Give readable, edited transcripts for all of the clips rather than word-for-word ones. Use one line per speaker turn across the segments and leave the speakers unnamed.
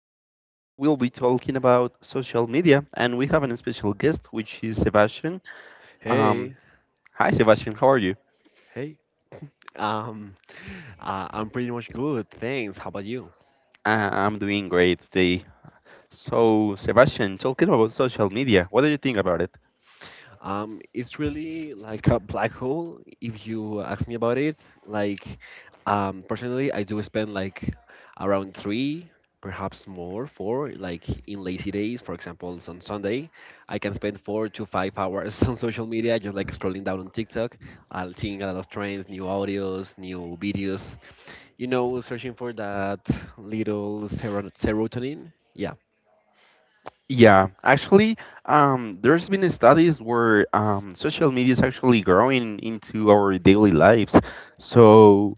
Today we'll be talking about social media, and we have a special guest, which is Sebastian. Um,
Hey,
hi, Sebastian. How are you?
hey. Um, I'm pretty much good, thanks. How about you?
I'm doing great today. So, Sebastian, talking about social media, what do you think about it?
It's really like a black hole if you ask me about it. Like, Personally, I do spend like around three, perhaps more, four, like in lazy days, for example, on Sunday, I can spend 4 to 5 hours on social media, just like scrolling down on TikTok, seeing a lot of trends, new audios, new videos, you know, searching for that little serotonin. Yeah.
Yeah, actually, there's been studies where social media is actually growing into our daily lives. So.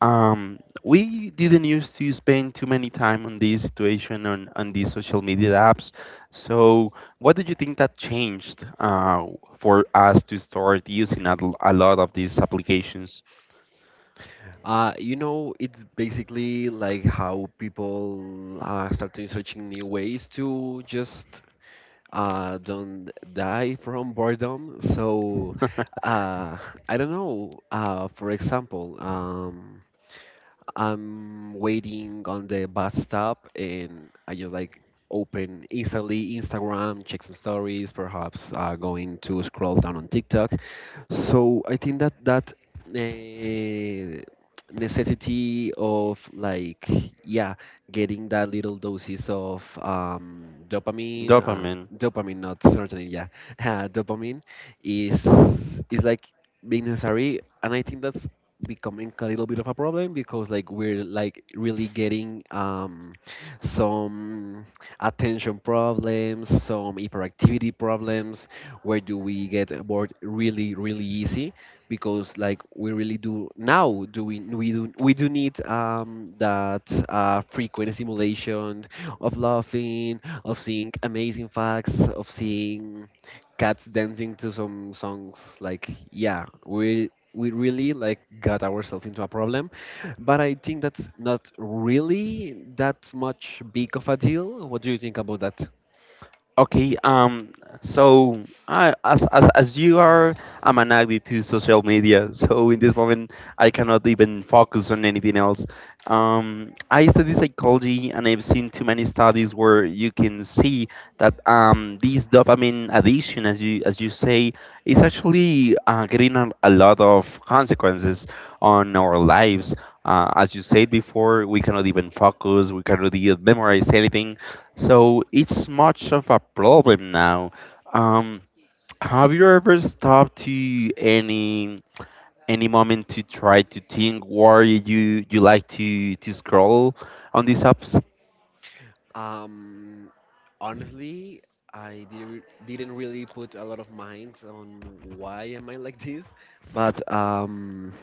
We didn't used to spend too many time on this situation on these social media apps. So, what do you think that changed for us to start using a lot of these applications?
You know, it's basically like how people started searching new ways to just don't die from boredom. So, uh, I don't know. For example, I'm waiting on the bus stop and I just like open instantly Instagram, check some stories, perhaps going to scroll down on TikTok. So I think that uh, necessity of like yeah, getting that little doses of dopamine,
Dopamine.
dopamine not serotonin, yeah, dopamine is is like being necessary, and I think that's becoming a little bit of a problem because like we're like really getting some attention problems, some hyperactivity problems, where do we get bored really really easy because like we really do now do we do need that frequent stimulation of laughing, of seeing amazing facts, of seeing cats dancing to some songs. Like yeah, we really like got ourselves into a problem, but I think that's not really that much big of a deal. What do you think about that?
Okay, so I, as you are, I'm an addict to social media, so in this moment I cannot even focus on anything else. I study psychology, and I've seen too many studies where you can see that this dopamine addiction, as you say, is actually getting a lot of consequences on our lives. As you said before, we cannot even focus, we cannot even memorize anything, so it's much of a problem now. Um, have you ever stopped to any moment to try to think why you like to scroll on these apps?
Um, Honestly, I didn't really put a lot of mind on why am I like this, but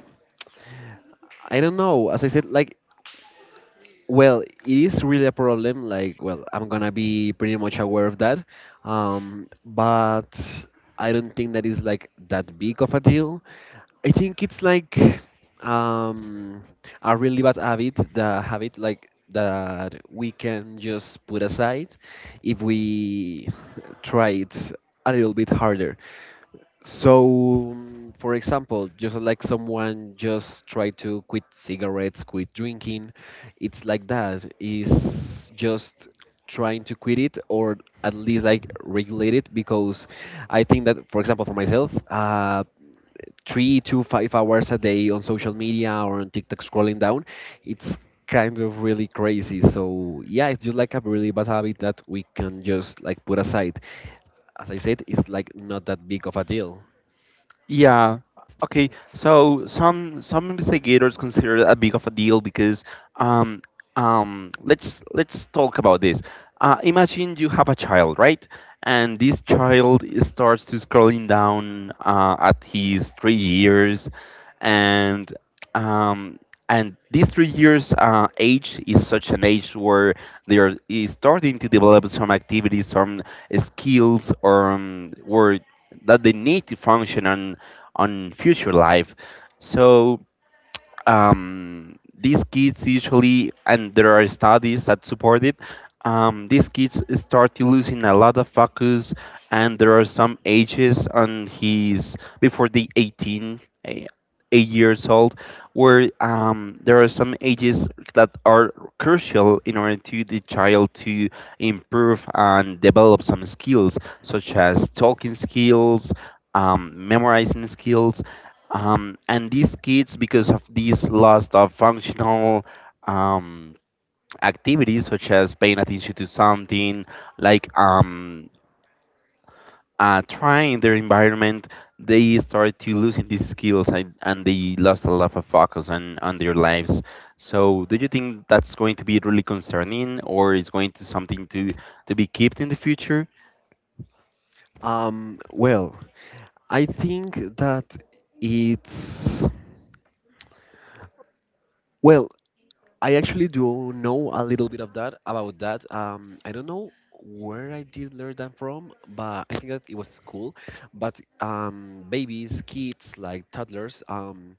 I don't know. As I said, like, well, it is really a problem. Like, well, I'm gonna be pretty much aware of that. But I don't think that is like that big of a deal. I think it's like um, a really bad habit, the habit like that we can just put aside if we try it a little bit harder. So, for example, just like someone just try to quit cigarettes, quit drinking, it's like that. Is just trying to quit it or at least like regulate it because I think that, for example, for myself, 3 to 5 hours a day on social media or on TikTok scrolling down, it's kind of really crazy. So yeah, it's just like a really bad habit that we can just like put aside. As I said, it's like not that big of a deal.
Yeah. Okay. So some investigators consider it a big of a deal because um let's talk about this. Imagine you have a child, right? And this child starts to scrolling down at his 3 years, and um and these 3 years age is such an age where they are is starting to develop some activities, some skills, or where that they need to function on future life. So these kids usually, and there are studies that support it, these kids start to losing a lot of focus, and there are some ages on his before the 18, 8 years old, where there are some ages that are crucial in order to the child to improve and develop some skills, such as talking skills, memorizing skills, and these kids, because of these loss of functional um, activities such as paying attention to something like trying their environment, they start to losing these skills, and they lost a lot of focus on their lives. So do you think that's going to be really concerning, or is going to something to be kept in the future?
Well, I think that it's well, I actually do know a little bit of that about that. I don't know where I did learn that from, but I think that it was school. But babies, kids, like toddlers,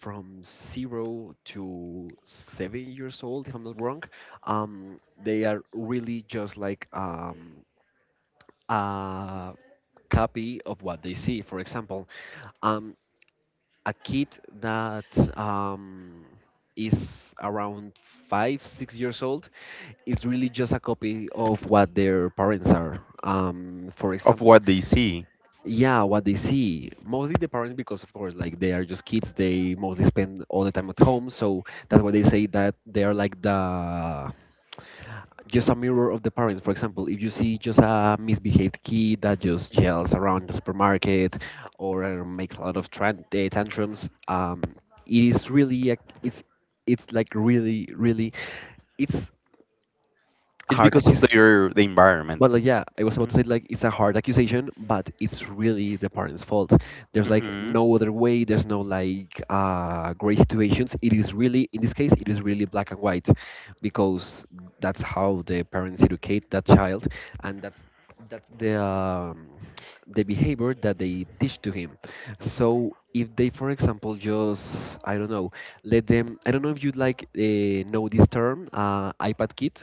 from 0 to 7 years old, if I'm not wrong, they are really just like a copy of what they see. For example, um, a kid that is around five, 6 years old, it's really just a copy of what their parents are. For
Of
example,
what they see.
yeah, what they see, mostly the parents, because of course like they are just kids. They mostly spend all the time at home, so that's why they say that they are like the just a mirror of the parents. For example, if you see just a misbehaved kid that just yells around the supermarket or makes a lot of tantrums, it is really a, it's it's like really really it's
It's
hard
because of
accusation.
their the
But
environment.
like, yeah, I was about to say like it's a hard accusation, but it's really the parents' fault. There's like
Mm-hmm.
no other way. There's no like gray situations. It is really in this case, it is really black and white, because that's how the parents educate that child, and that's that the behavior that they teach to him. So if they, for example, just I don't know, let them. I don't know if you'd like know this term, iPad kid.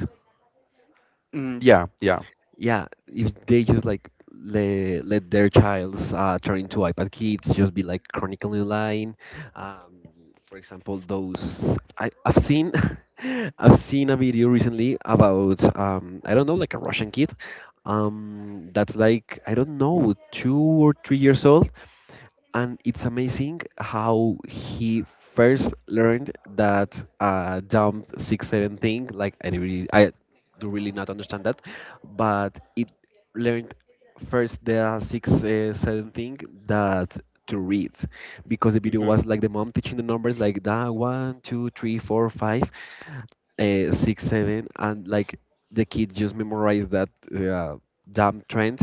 Mm, yeah, yeah.
Yeah, if they just like let their childs turn into iPad kids, just be like chronically lying. Um, for example, those I've seen, I've seen a video recently about I don't know, like a Russian kid, that's like I don't know, 2 or 3 years old, and it's amazing how he first learned that jump six seven thing. Like I really, I do really not understand that, but it learned first the six seven thing, that to read, because the video
Mm-hmm.
was like the mom teaching the numbers like that one two three four five six seven, and like the kid just memorized that uh, jump trend.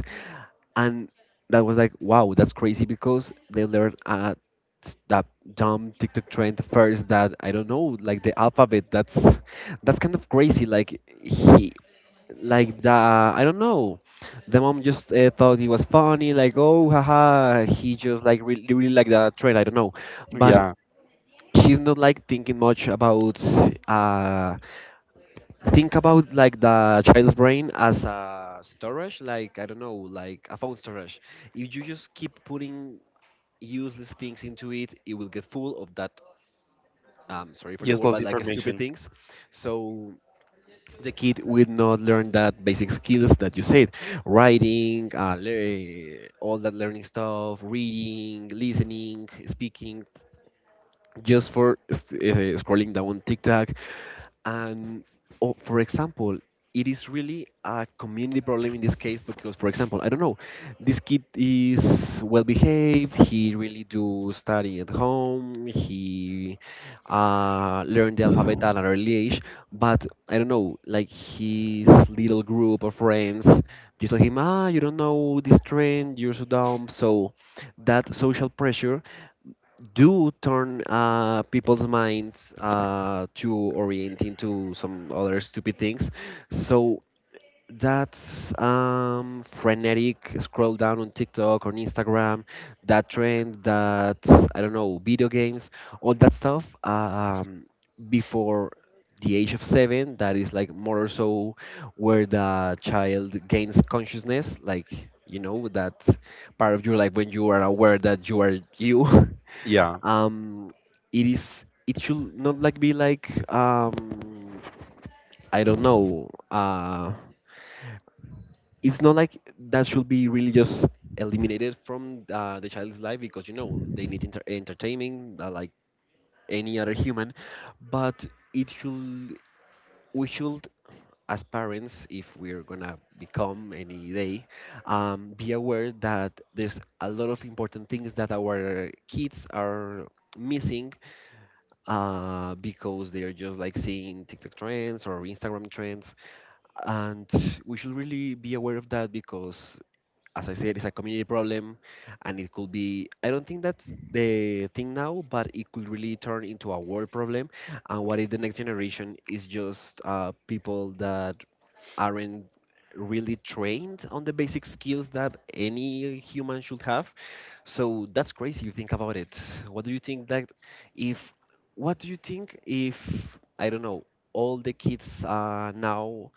And that was like wow, that's crazy because they learned that dumb TikTok trend first, that I don't know, like the alphabet. That's kind of crazy. Like he like the I don't know, the mom just thought it was funny, like oh haha he just like really really like the trend, I don't know. But
Yeah,
she's not like thinking much about uh think about like the child's brain as a storage, like I don't know, like a phone storage. If you just keep putting useless things into it, it will get full of that, sorry for the word,
useless
but like stupid
information.
things. So the kid will not learn that basic skills that you said, writing, all that learning stuff, reading, listening, speaking, just for scrolling down TikTok. And oh, for example, it is really a community problem in this case because, for example, I don't know, this kid is well behaved. He really do study at home. He learned the alphabet at an early age. But I don't know, like his little group of friends just told him, ah, you don't know this trend, you're so dumb. So that social pressure do turn people's minds to orienting to some other stupid things. So that's frenetic scroll down on TikTok or on Instagram, that trend, that I don't know, video games, all that stuff. Before the age of seven, that is like more or so where the child gains consciousness, like you know that part of your life when you are aware that you are you.
Yeah.
um it is it should not like be like I don't know it's not like that, should be really just eliminated from the child's life, because you know they need entertaining like any other human. But it should we should as parents, if we're gonna become any day, be aware that there's a lot of important things that our kids are missing because they are just like seeing TikTok trends or Instagram trends. And we should really be aware of that because, as I said, it's a community problem, and it could be, I don't think that's the thing now, but it could really turn into a world problem. And what if the next generation is just people that aren't really trained on the basic skills that any human should have. So that's crazy. You think about it. What do you think that if what do you think if I don't know all the kids now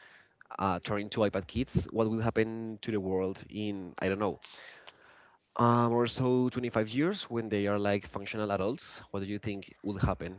turn into iPad kids? What will happen to the world in I don't know or so 25 years when they are like functional adults? What do you think will happen?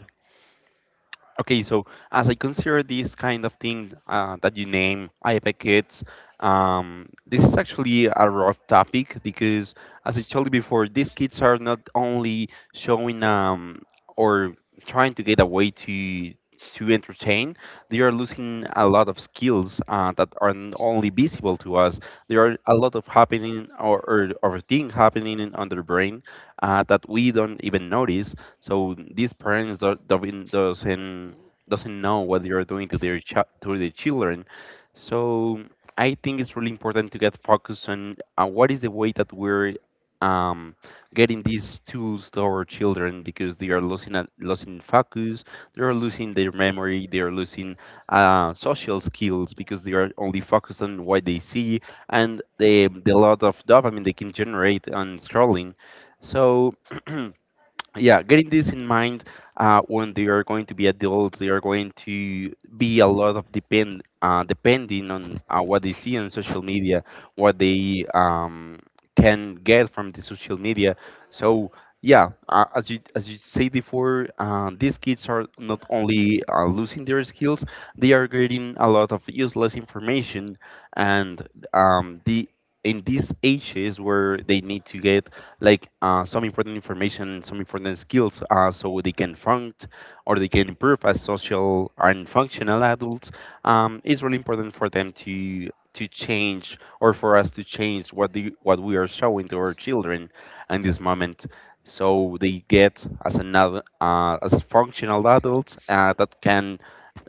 Okay, so as I consider this kind of thing that you name IFA kids, this is actually a rough topic because, as I told you before, these kids are not only showing or trying to get away to entertain, they are losing a lot of skills that are not only visible to us. There are a lot of happening or things happening on their brain that we don't even notice. So these parents do don't- doesn't know what they are doing to their children. So I think it's really important to get focused on what is the way that we're um, getting these tools to our children, because they are losing losing focus, they are losing their memory, they are losing social skills, because they are only focused on what they see and the lot of dopamine they can generate on scrolling. So yeah, getting this in mind, when they are going to be adults, they are going to be a lot of depend depending on what they see on social media, what they can get from the social media. So yeah, as you said before, these kids are not only losing their skills, they are getting a lot of useless information, and the in these ages where they need to get like some important information, some important skills, so they can improve as social and functional adults. It's really important for them to change, or for us to change what we are showing to our children in this moment, so they get as another as functional adults that can,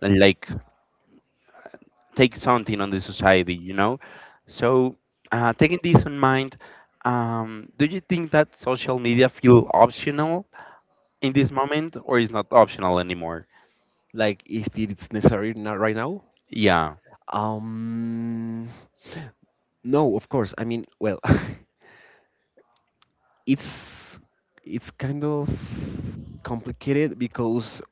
like, take something on the society, you know? So, taking this in mind, do you think that social media feel optional in this moment, or is not optional anymore?
Like if it's necessary now, right now?
Yeah.
Um, No, of course. I mean, well, it's it's kind of complicated because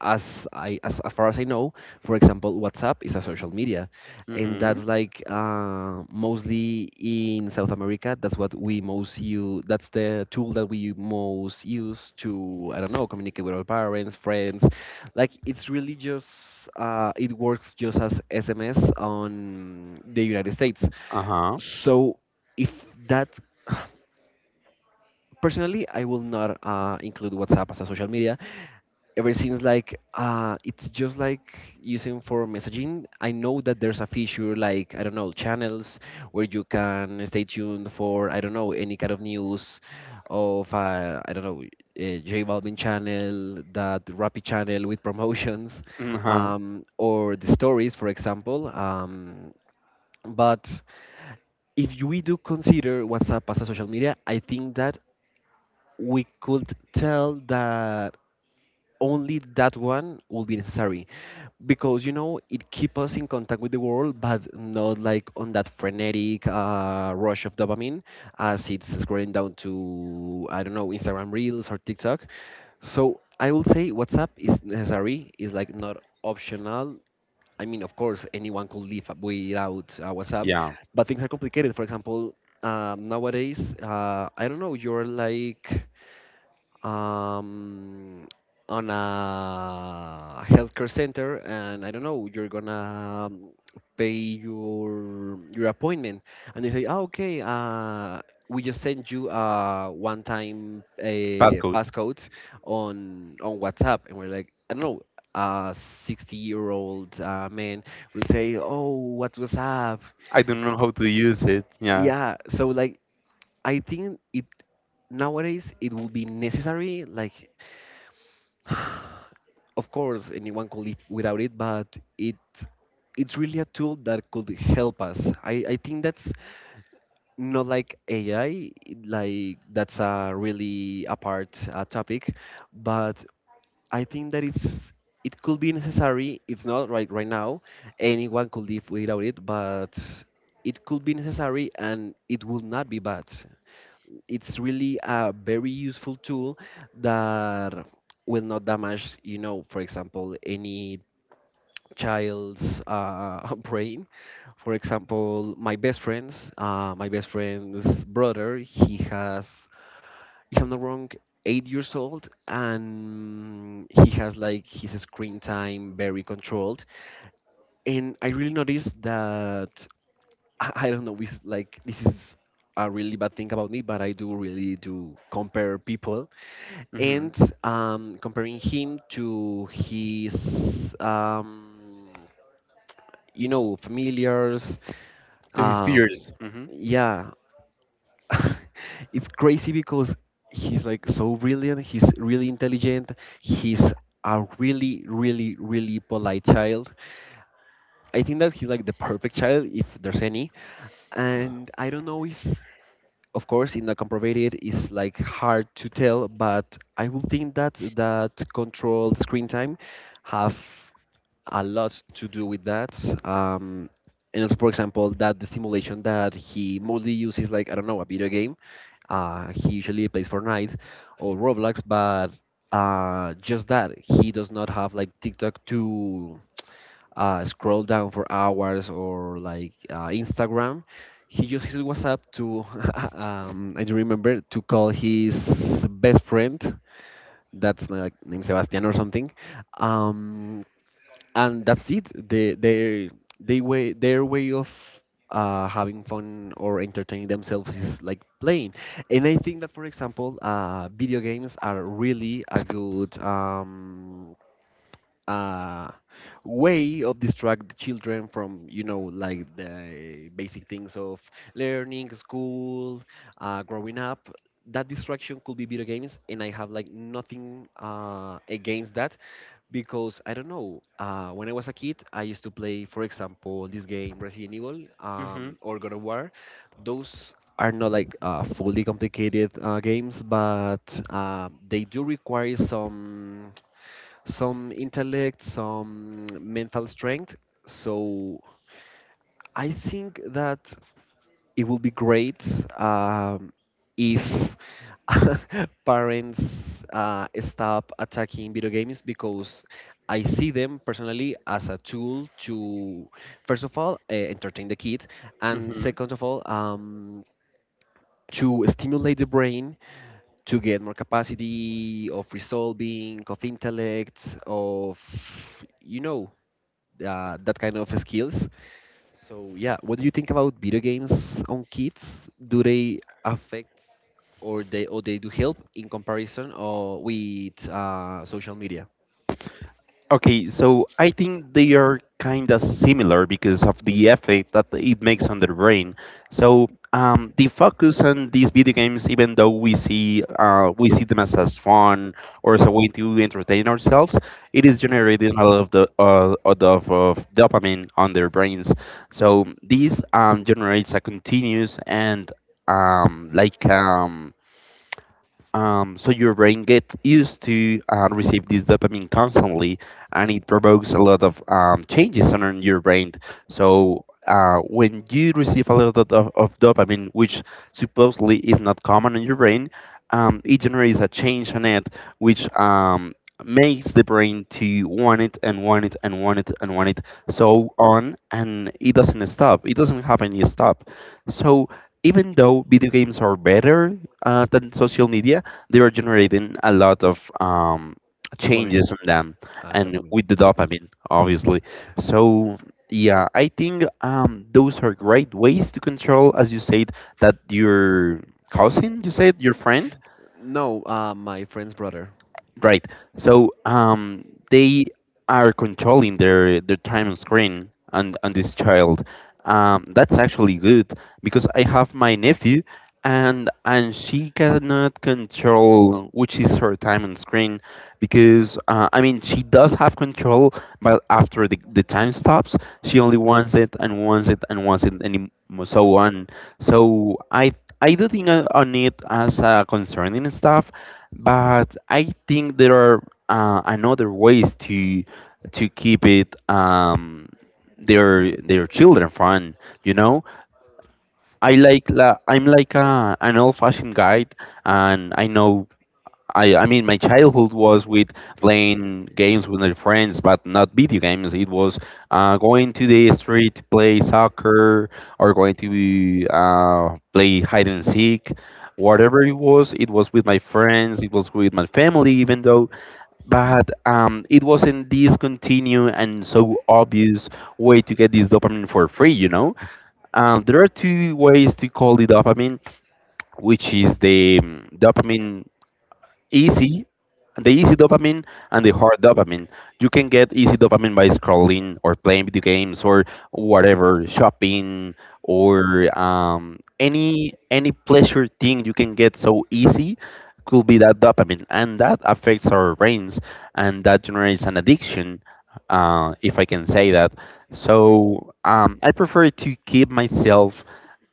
as far as I know, for example, WhatsApp is a social media, and
Mm-hmm.
that's like mostly in South America. That's what we most use. That's the tool that we most use to I don't know communicate with our parents, friends. Like it's really just it works just as SMS on the United States.
Uh-huh.
So if that personally, I will not include WhatsApp as a social media. Ever since like it's just like using for messaging. I know that there's a feature like I don't know channels where you can stay tuned for I don't know any kind of news of I don't know J Balvin channel, that Rappi channel with promotions,
Uh-huh.
or the stories, for example. But if we do consider WhatsApp as a social media, I think that we could tell that only that one will be necessary because it keeps us in contact with the world, but not like on that frenetic rush of dopamine as it's scrolling down to, I don't know, Instagram Reels or TikTok. So I will say WhatsApp is necessary, is like not optional. I mean, of course anyone could live without WhatsApp,
Yeah.
but things are complicated. For example, nowadays, I don't know, you're like um, on a healthcare center, and I don't know, you're gonna pay your appointment, and they say, oh, okay, we just send you a one-time
Passcode.
passcode on WhatsApp, and we're like, I don't know. A 60-year-old man will say, oh, what's WhatsApp?
I don't know how to use it. Yeah.
Yeah, so like, I think it nowadays it will be necessary, like of course anyone could live without it, but it it's really a tool that could help us. I think that's not like AI, like that's a really apart topic. But I think that it could be necessary. It's not right now. Anyone could live without it, but it could be necessary, and it will not be bad. It's really a very useful tool that will not damage, for example, any child's brain. For example, my best friend's brother, he has, if I'm not wrong, 8 years old, and he has like his screen time very controlled. And I really noticed that I don't know, it's like this is a really bad thing about me, but I do really do compare people.
Mm-hmm.
And comparing him to his familiars.
To his
Um,
peers. Mm-hmm.
yeah, it's crazy because he's like so brilliant. He's really intelligent. He's a really, really, really polite child. I think that he's like the perfect child, if there's any. And I don't know if, of course, in the comprobated it's like hard to tell, but I would think that that controlled screen time have a lot to do with that. Um, and also, for example, that the simulation that he mostly uses, like, I don't know, a video game. He usually plays Fortnite or Roblox, but just that. He does not have, like, TikTok to scroll down for hours, or, like, Instagram. He uses WhatsApp to, I do remember, to call his best friend. That's like named Sebastian or something, um, and that's it. They their they way their way of having fun or entertaining themselves is like playing. And I think that, for example, video games are really a good uh, way of distract the children from, like the basic things of learning, school, growing up. That distraction could be video games, and I have like nothing against that because I don't know. When I was a kid, I used to play, for example, this game Resident Evil or God of War. Those are not like fully complicated games, but they do require some intellect, some mental strength. So I think that it will be great um, if parents stop attacking video games, because I see them personally as a tool to, first of all, entertain the kid, and
Mm-hmm.
second of all, to stimulate the brain to get more capacity of resolving, of intellect, of, you know, that kind of skills. So yeah, what do you think about video games on kids? Do they affect, or they do help in comparison or with social media?
Okay, so I think they are kind of similar because of the effect that it makes on the brain. So the focus on these video games, even though we see them as fun or as a way to entertain ourselves, it is generating a lot of dopamine on their brains. So this generates a continuous and um, like um, so your brain gets used to receive this dopamine constantly, and it provokes a lot of changes on your brain. So when you receive a lot of, of dopamine, which supposedly is not common in your brain, it generates a change on it, which makes the brain to want it and want it and want it and want it so on, and it doesn't stop. It doesn't have any stop. So even though video games are better than social media, they were generating a lot of
Dopamine
changes on them,
and
and
dopamine.
with the dopamine, obviously. So yeah, I think those are great ways to control, as you said, that your cousin, you said, your friend.
No, my friend's brother.
Right. So they are controlling their time on screen, and this child. That's actually good, because I have my nephew, and she cannot control which is her time on screen, because I mean she does have control, but after the time stops, she only wants it and wants it and wants it and so on. So I do think on it as a concerning stuff, but I think there are another ways to keep it their children fun. You know, I'm like an old fashioned guy, and I know, I mean, my childhood was with playing games with my friends, but not video games. It was going to the street to play soccer, or going to play hide and seek, whatever it was. It was with my friends. It was with my family, even though. But it wasn't this continued and so obvious way to get this dopamine for free. You know, there are two ways to call the dopamine, which is easy the easy dopamine and the hard dopamine. You can get easy dopamine by scrolling or playing video games or whatever, shopping, or any pleasure thing you can get so easy could be that dopamine, and that affects our brains, and that generates an addiction, if I can say that. So I prefer to keep myself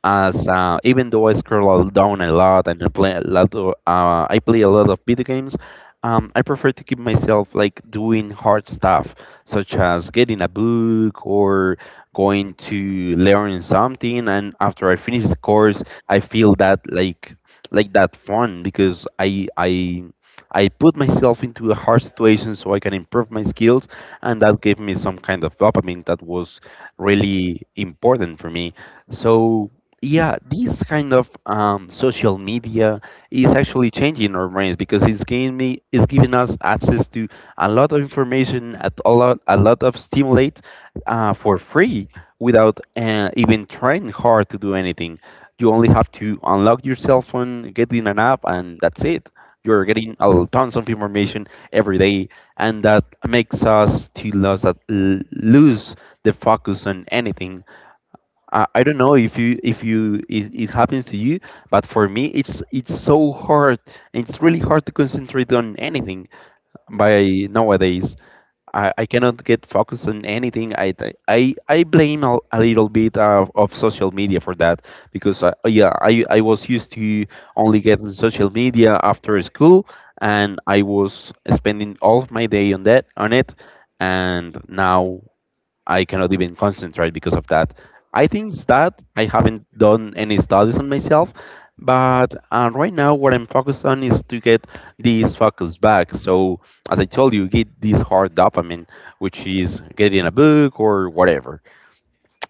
as, even though I scroll down a lot, and I play a lot of, video games, I prefer to keep myself like doing hard stuff, such as getting a book or going to learn something. And after I finish the course, I feel that, like, that fun because I put myself into a hard situation so I can improve my skills, and that gave me some kind of dopamine that was really important for me. So yeah, this kind of social media is actually changing our brains because it's giving us access to a lot of information, at a lot of stimulate for free, without even trying hard to do anything. You only have to unlock your cell phone, get in an app, and that's it. You're getting tons of information every day, and that makes us to lose lose the focus on anything. I don't know if you, it happens to you, but for me it's so hard. It's really hard to concentrate on anything by nowadays. I cannot get focused on anything. I blame a little bit of social media for that, because yeah, I was used to only get on social media after school, and I was spending all of my day on that, on it, and now I cannot even concentrate because of that. I think that I haven't done any studies on myself, but right now what I'm focused on is to get this focus back. So as I told you, get this hard dopamine, which is getting a book or whatever.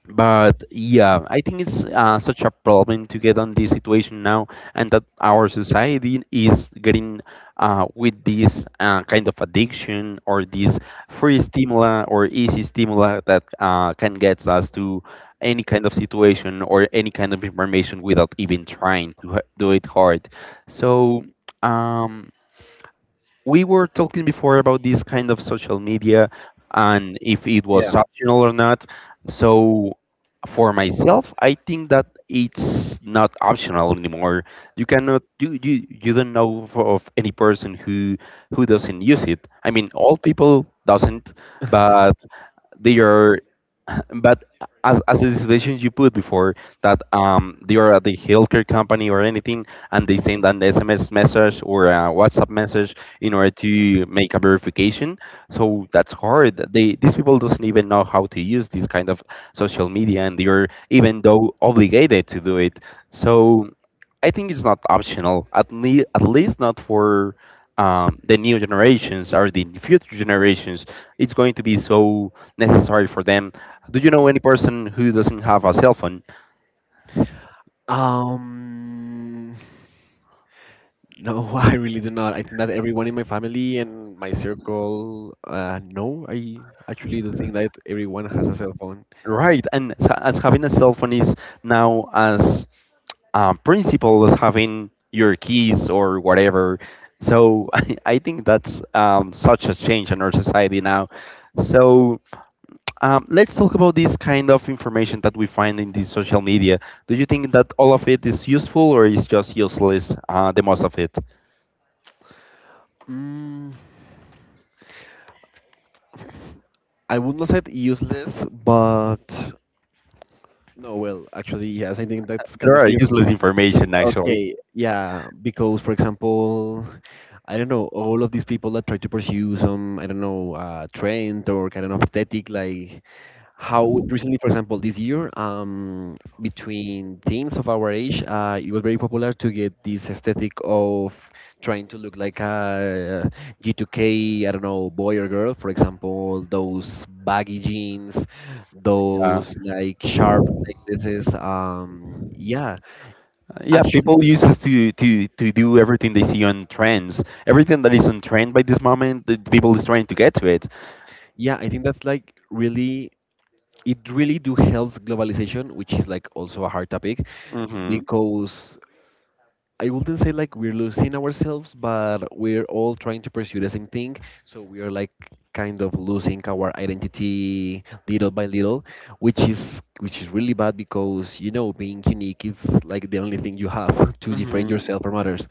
But yeah, I think it's such a problem to get on this situation now, and that our society is getting with this kind of addiction or this free stimuli or easy stimuli that can get us to any kind of situation or any kind of information without even trying to do it hard. So. Um, we were talking before about this kind of social media and if it was
Yeah.
optional or not. So for myself, I think that it's not optional anymore. You cannot you you, you don't know of any person who doesn't use it. I mean, all people doesn't, but they are but as a situation you put before that they are at the healthcare company or anything and they send an sms message or a whatsapp message in order to make a verification. So that's hard. They these people doesn't even know how to use this kind of social media, and they are even though obligated to do it. So I think it's not optional, at least not for the new generations or the future generations. It's going to be so necessary for them. Do you know any person who doesn't have a cell phone?
Um, no, I really do not. I think that everyone in my family and my circle, no, I actually do think that everyone has a cell phone.
Right, and as having a cell phone is now as principal as having your keys or whatever. So I think that's such a change in our society now. So let's talk about this kind of information that we find in the social media. Do you think that all of it is useful or is just useless? The most of it.
Mm, I would not say useless, but no, well, actually, yes, I think that's kind
There
of
are
you.
useless information actually.
Okay, yeah, because for example, I don't know, all of these people that try to pursue some, I don't know, trend or kind of aesthetic, like how recently, for example, this year, between teens of our age, it was very popular to get this aesthetic of trying to look like a G2K, I don't know, boy or girl, for example, those baggy jeans,
Yeah,
those like sharp necklaces. Yeah,
yeah.
actually,
People use this to, to do everything they see on trends. Everything that is on trend by this moment, the people is trying to get to it.
yeah, I think that's like really. It really do helps globalization, which is like also a hard topic,
Mm-hmm.
because I wouldn't say like we're losing ourselves, but we're all trying to pursue the same thing. So we are like kind of losing our identity little by little, which is really bad, because being unique is like the only thing you have to differentiate
Mm-hmm.
yourself from others.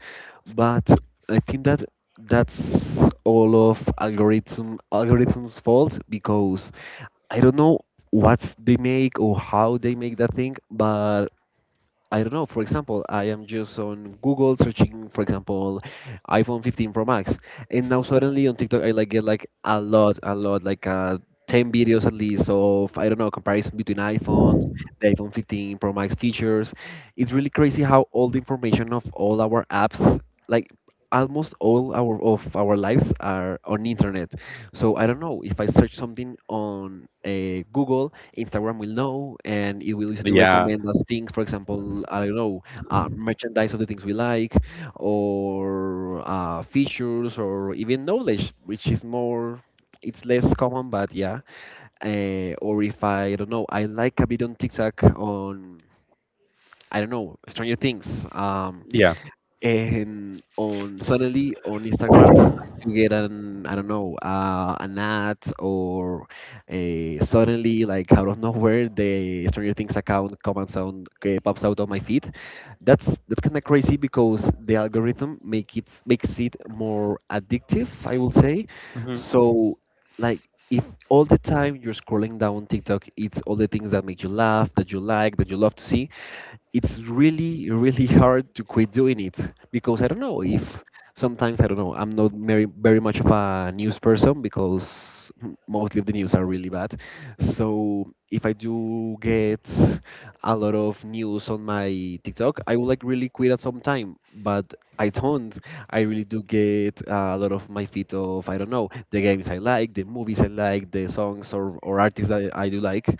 But I think that that's all of algorithms' fault, because I don't know what they make or how they make that thing, but I don't know. For example, I am just on Google searching, for example, iPhone 15 Pro Max, and now suddenly on TikTok I like get like a lot, like 10 videos at least of, I don't know, comparison between iPhones, the iPhone 15 Pro Max features. It's really crazy how all the information of all our apps, like almost all our of our lives are on internet. So I don't know, if I search something on Google, Instagram will know and it will start to
Yeah.
recommend us things. For example, I don't know, merchandise of the things we like, or features, or even knowledge, which is more. It's less common, but yeah. Or if I don't know, I like a bit on TikTok on, I don't know, Stranger Things.
Yeah.
And on suddenly on Instagram I do get an, I don't know, an ad, or a suddenly like out of nowhere the Stranger Things account comes on, pops out on my feed. That's kind of crazy because the algorithm makes it more addictive, I will say.
Mhm.
So like if all the time you're scrolling down TikTok, it's all the things that make you laugh, that you like, that you love to see, it's really really hard to quit doing it. Because I don't know if sometimes, I don't know, I'm not very very much of a news person because mostly of the news are really bad. So if I do get a lot of news on my TikTok I will like really quit at some time, but I don't. I really do get a lot of my feed of, I don't know, the games I like, the movies I like, the songs, or artists that I do like.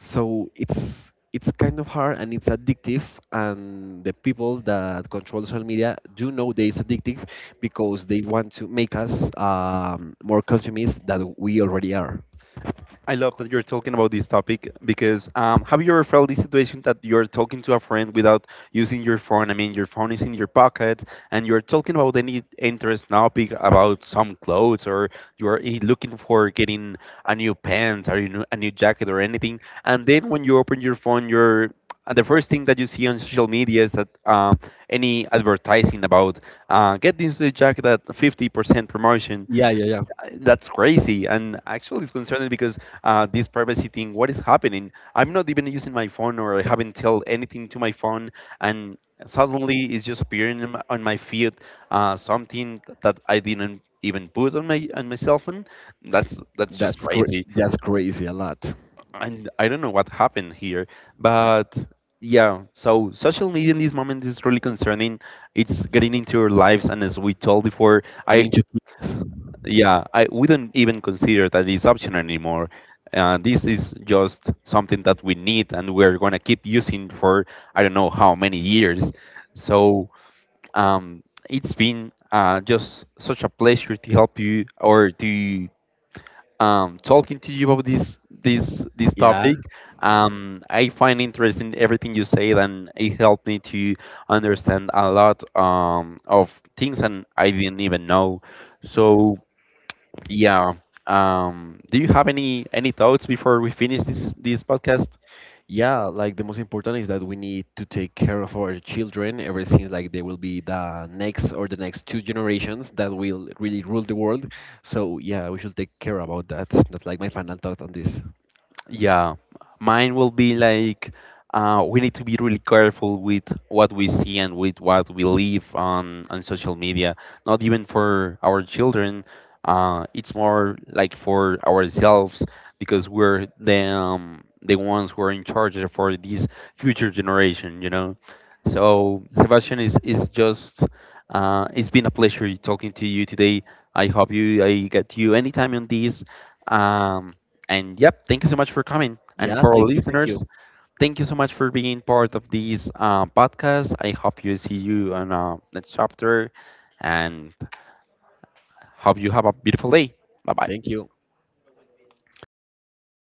So it's kind of hard and it's addictive. And the people that control social media do know that it's addictive, because they want to make us more consumist than we already are.
I love that you're talking about this topic because have you ever felt this situation that you're talking to a friend without using your phone? I mean, your phone is in your pocket and you're talking about any interest topic about some clothes, or you're looking for getting a new pants or a new jacket or anything. And then when you open your phone, you're and the first thing that you see on social media is that any advertising about get this new jacket at 50% promotion.
Yeah, yeah, yeah.
I- that's crazy, and actually it's concerning because this privacy thing, what is happening? I'm not even using my phone, or I haven't told anything to my phone, and suddenly it's just appearing in my- on my feed something that I didn't even put on my cell phone. That's just crazy,
That's crazy a lot.
and I don't know what happened here, but yeah, so social media in this moment is really concerning. It's getting into our lives, and as we told before,
And
I
into kids.
yeah, I we don't even consider that it's optional anymore. This is just something that we need, and we're gonna keep using for I don't know how many years. So um, it's been just such a pleasure to help you, or to talking to you about this this topic. I find interesting everything you said, and it helped me to understand a lot of things, and I didn't even know. So yeah. Do you have any thoughts before we finish this podcast?
Yeah, like the most important is that we need to take care of our children, ever since like they will be the next, or the next two generations that will really rule the world. So yeah, we should take care about that. That's like my final thought on this.
Yeah, mine will be like we need to be really careful with what we see and with what we leave on social media. Not even for our children. It's more like for ourselves because we're the ones who are in charge for this future generation. You know. So Sebastian is just. It's been a pleasure talking to you today. I hope you I get you anytime on this. Um, and yep, thank you so much for coming. And
Yeah,
for all
thank you, thank you,
listeners, thank you so much for being part of this podcast. I hope you see you on next chapter and hope you have a beautiful day. Bye bye.
thank you.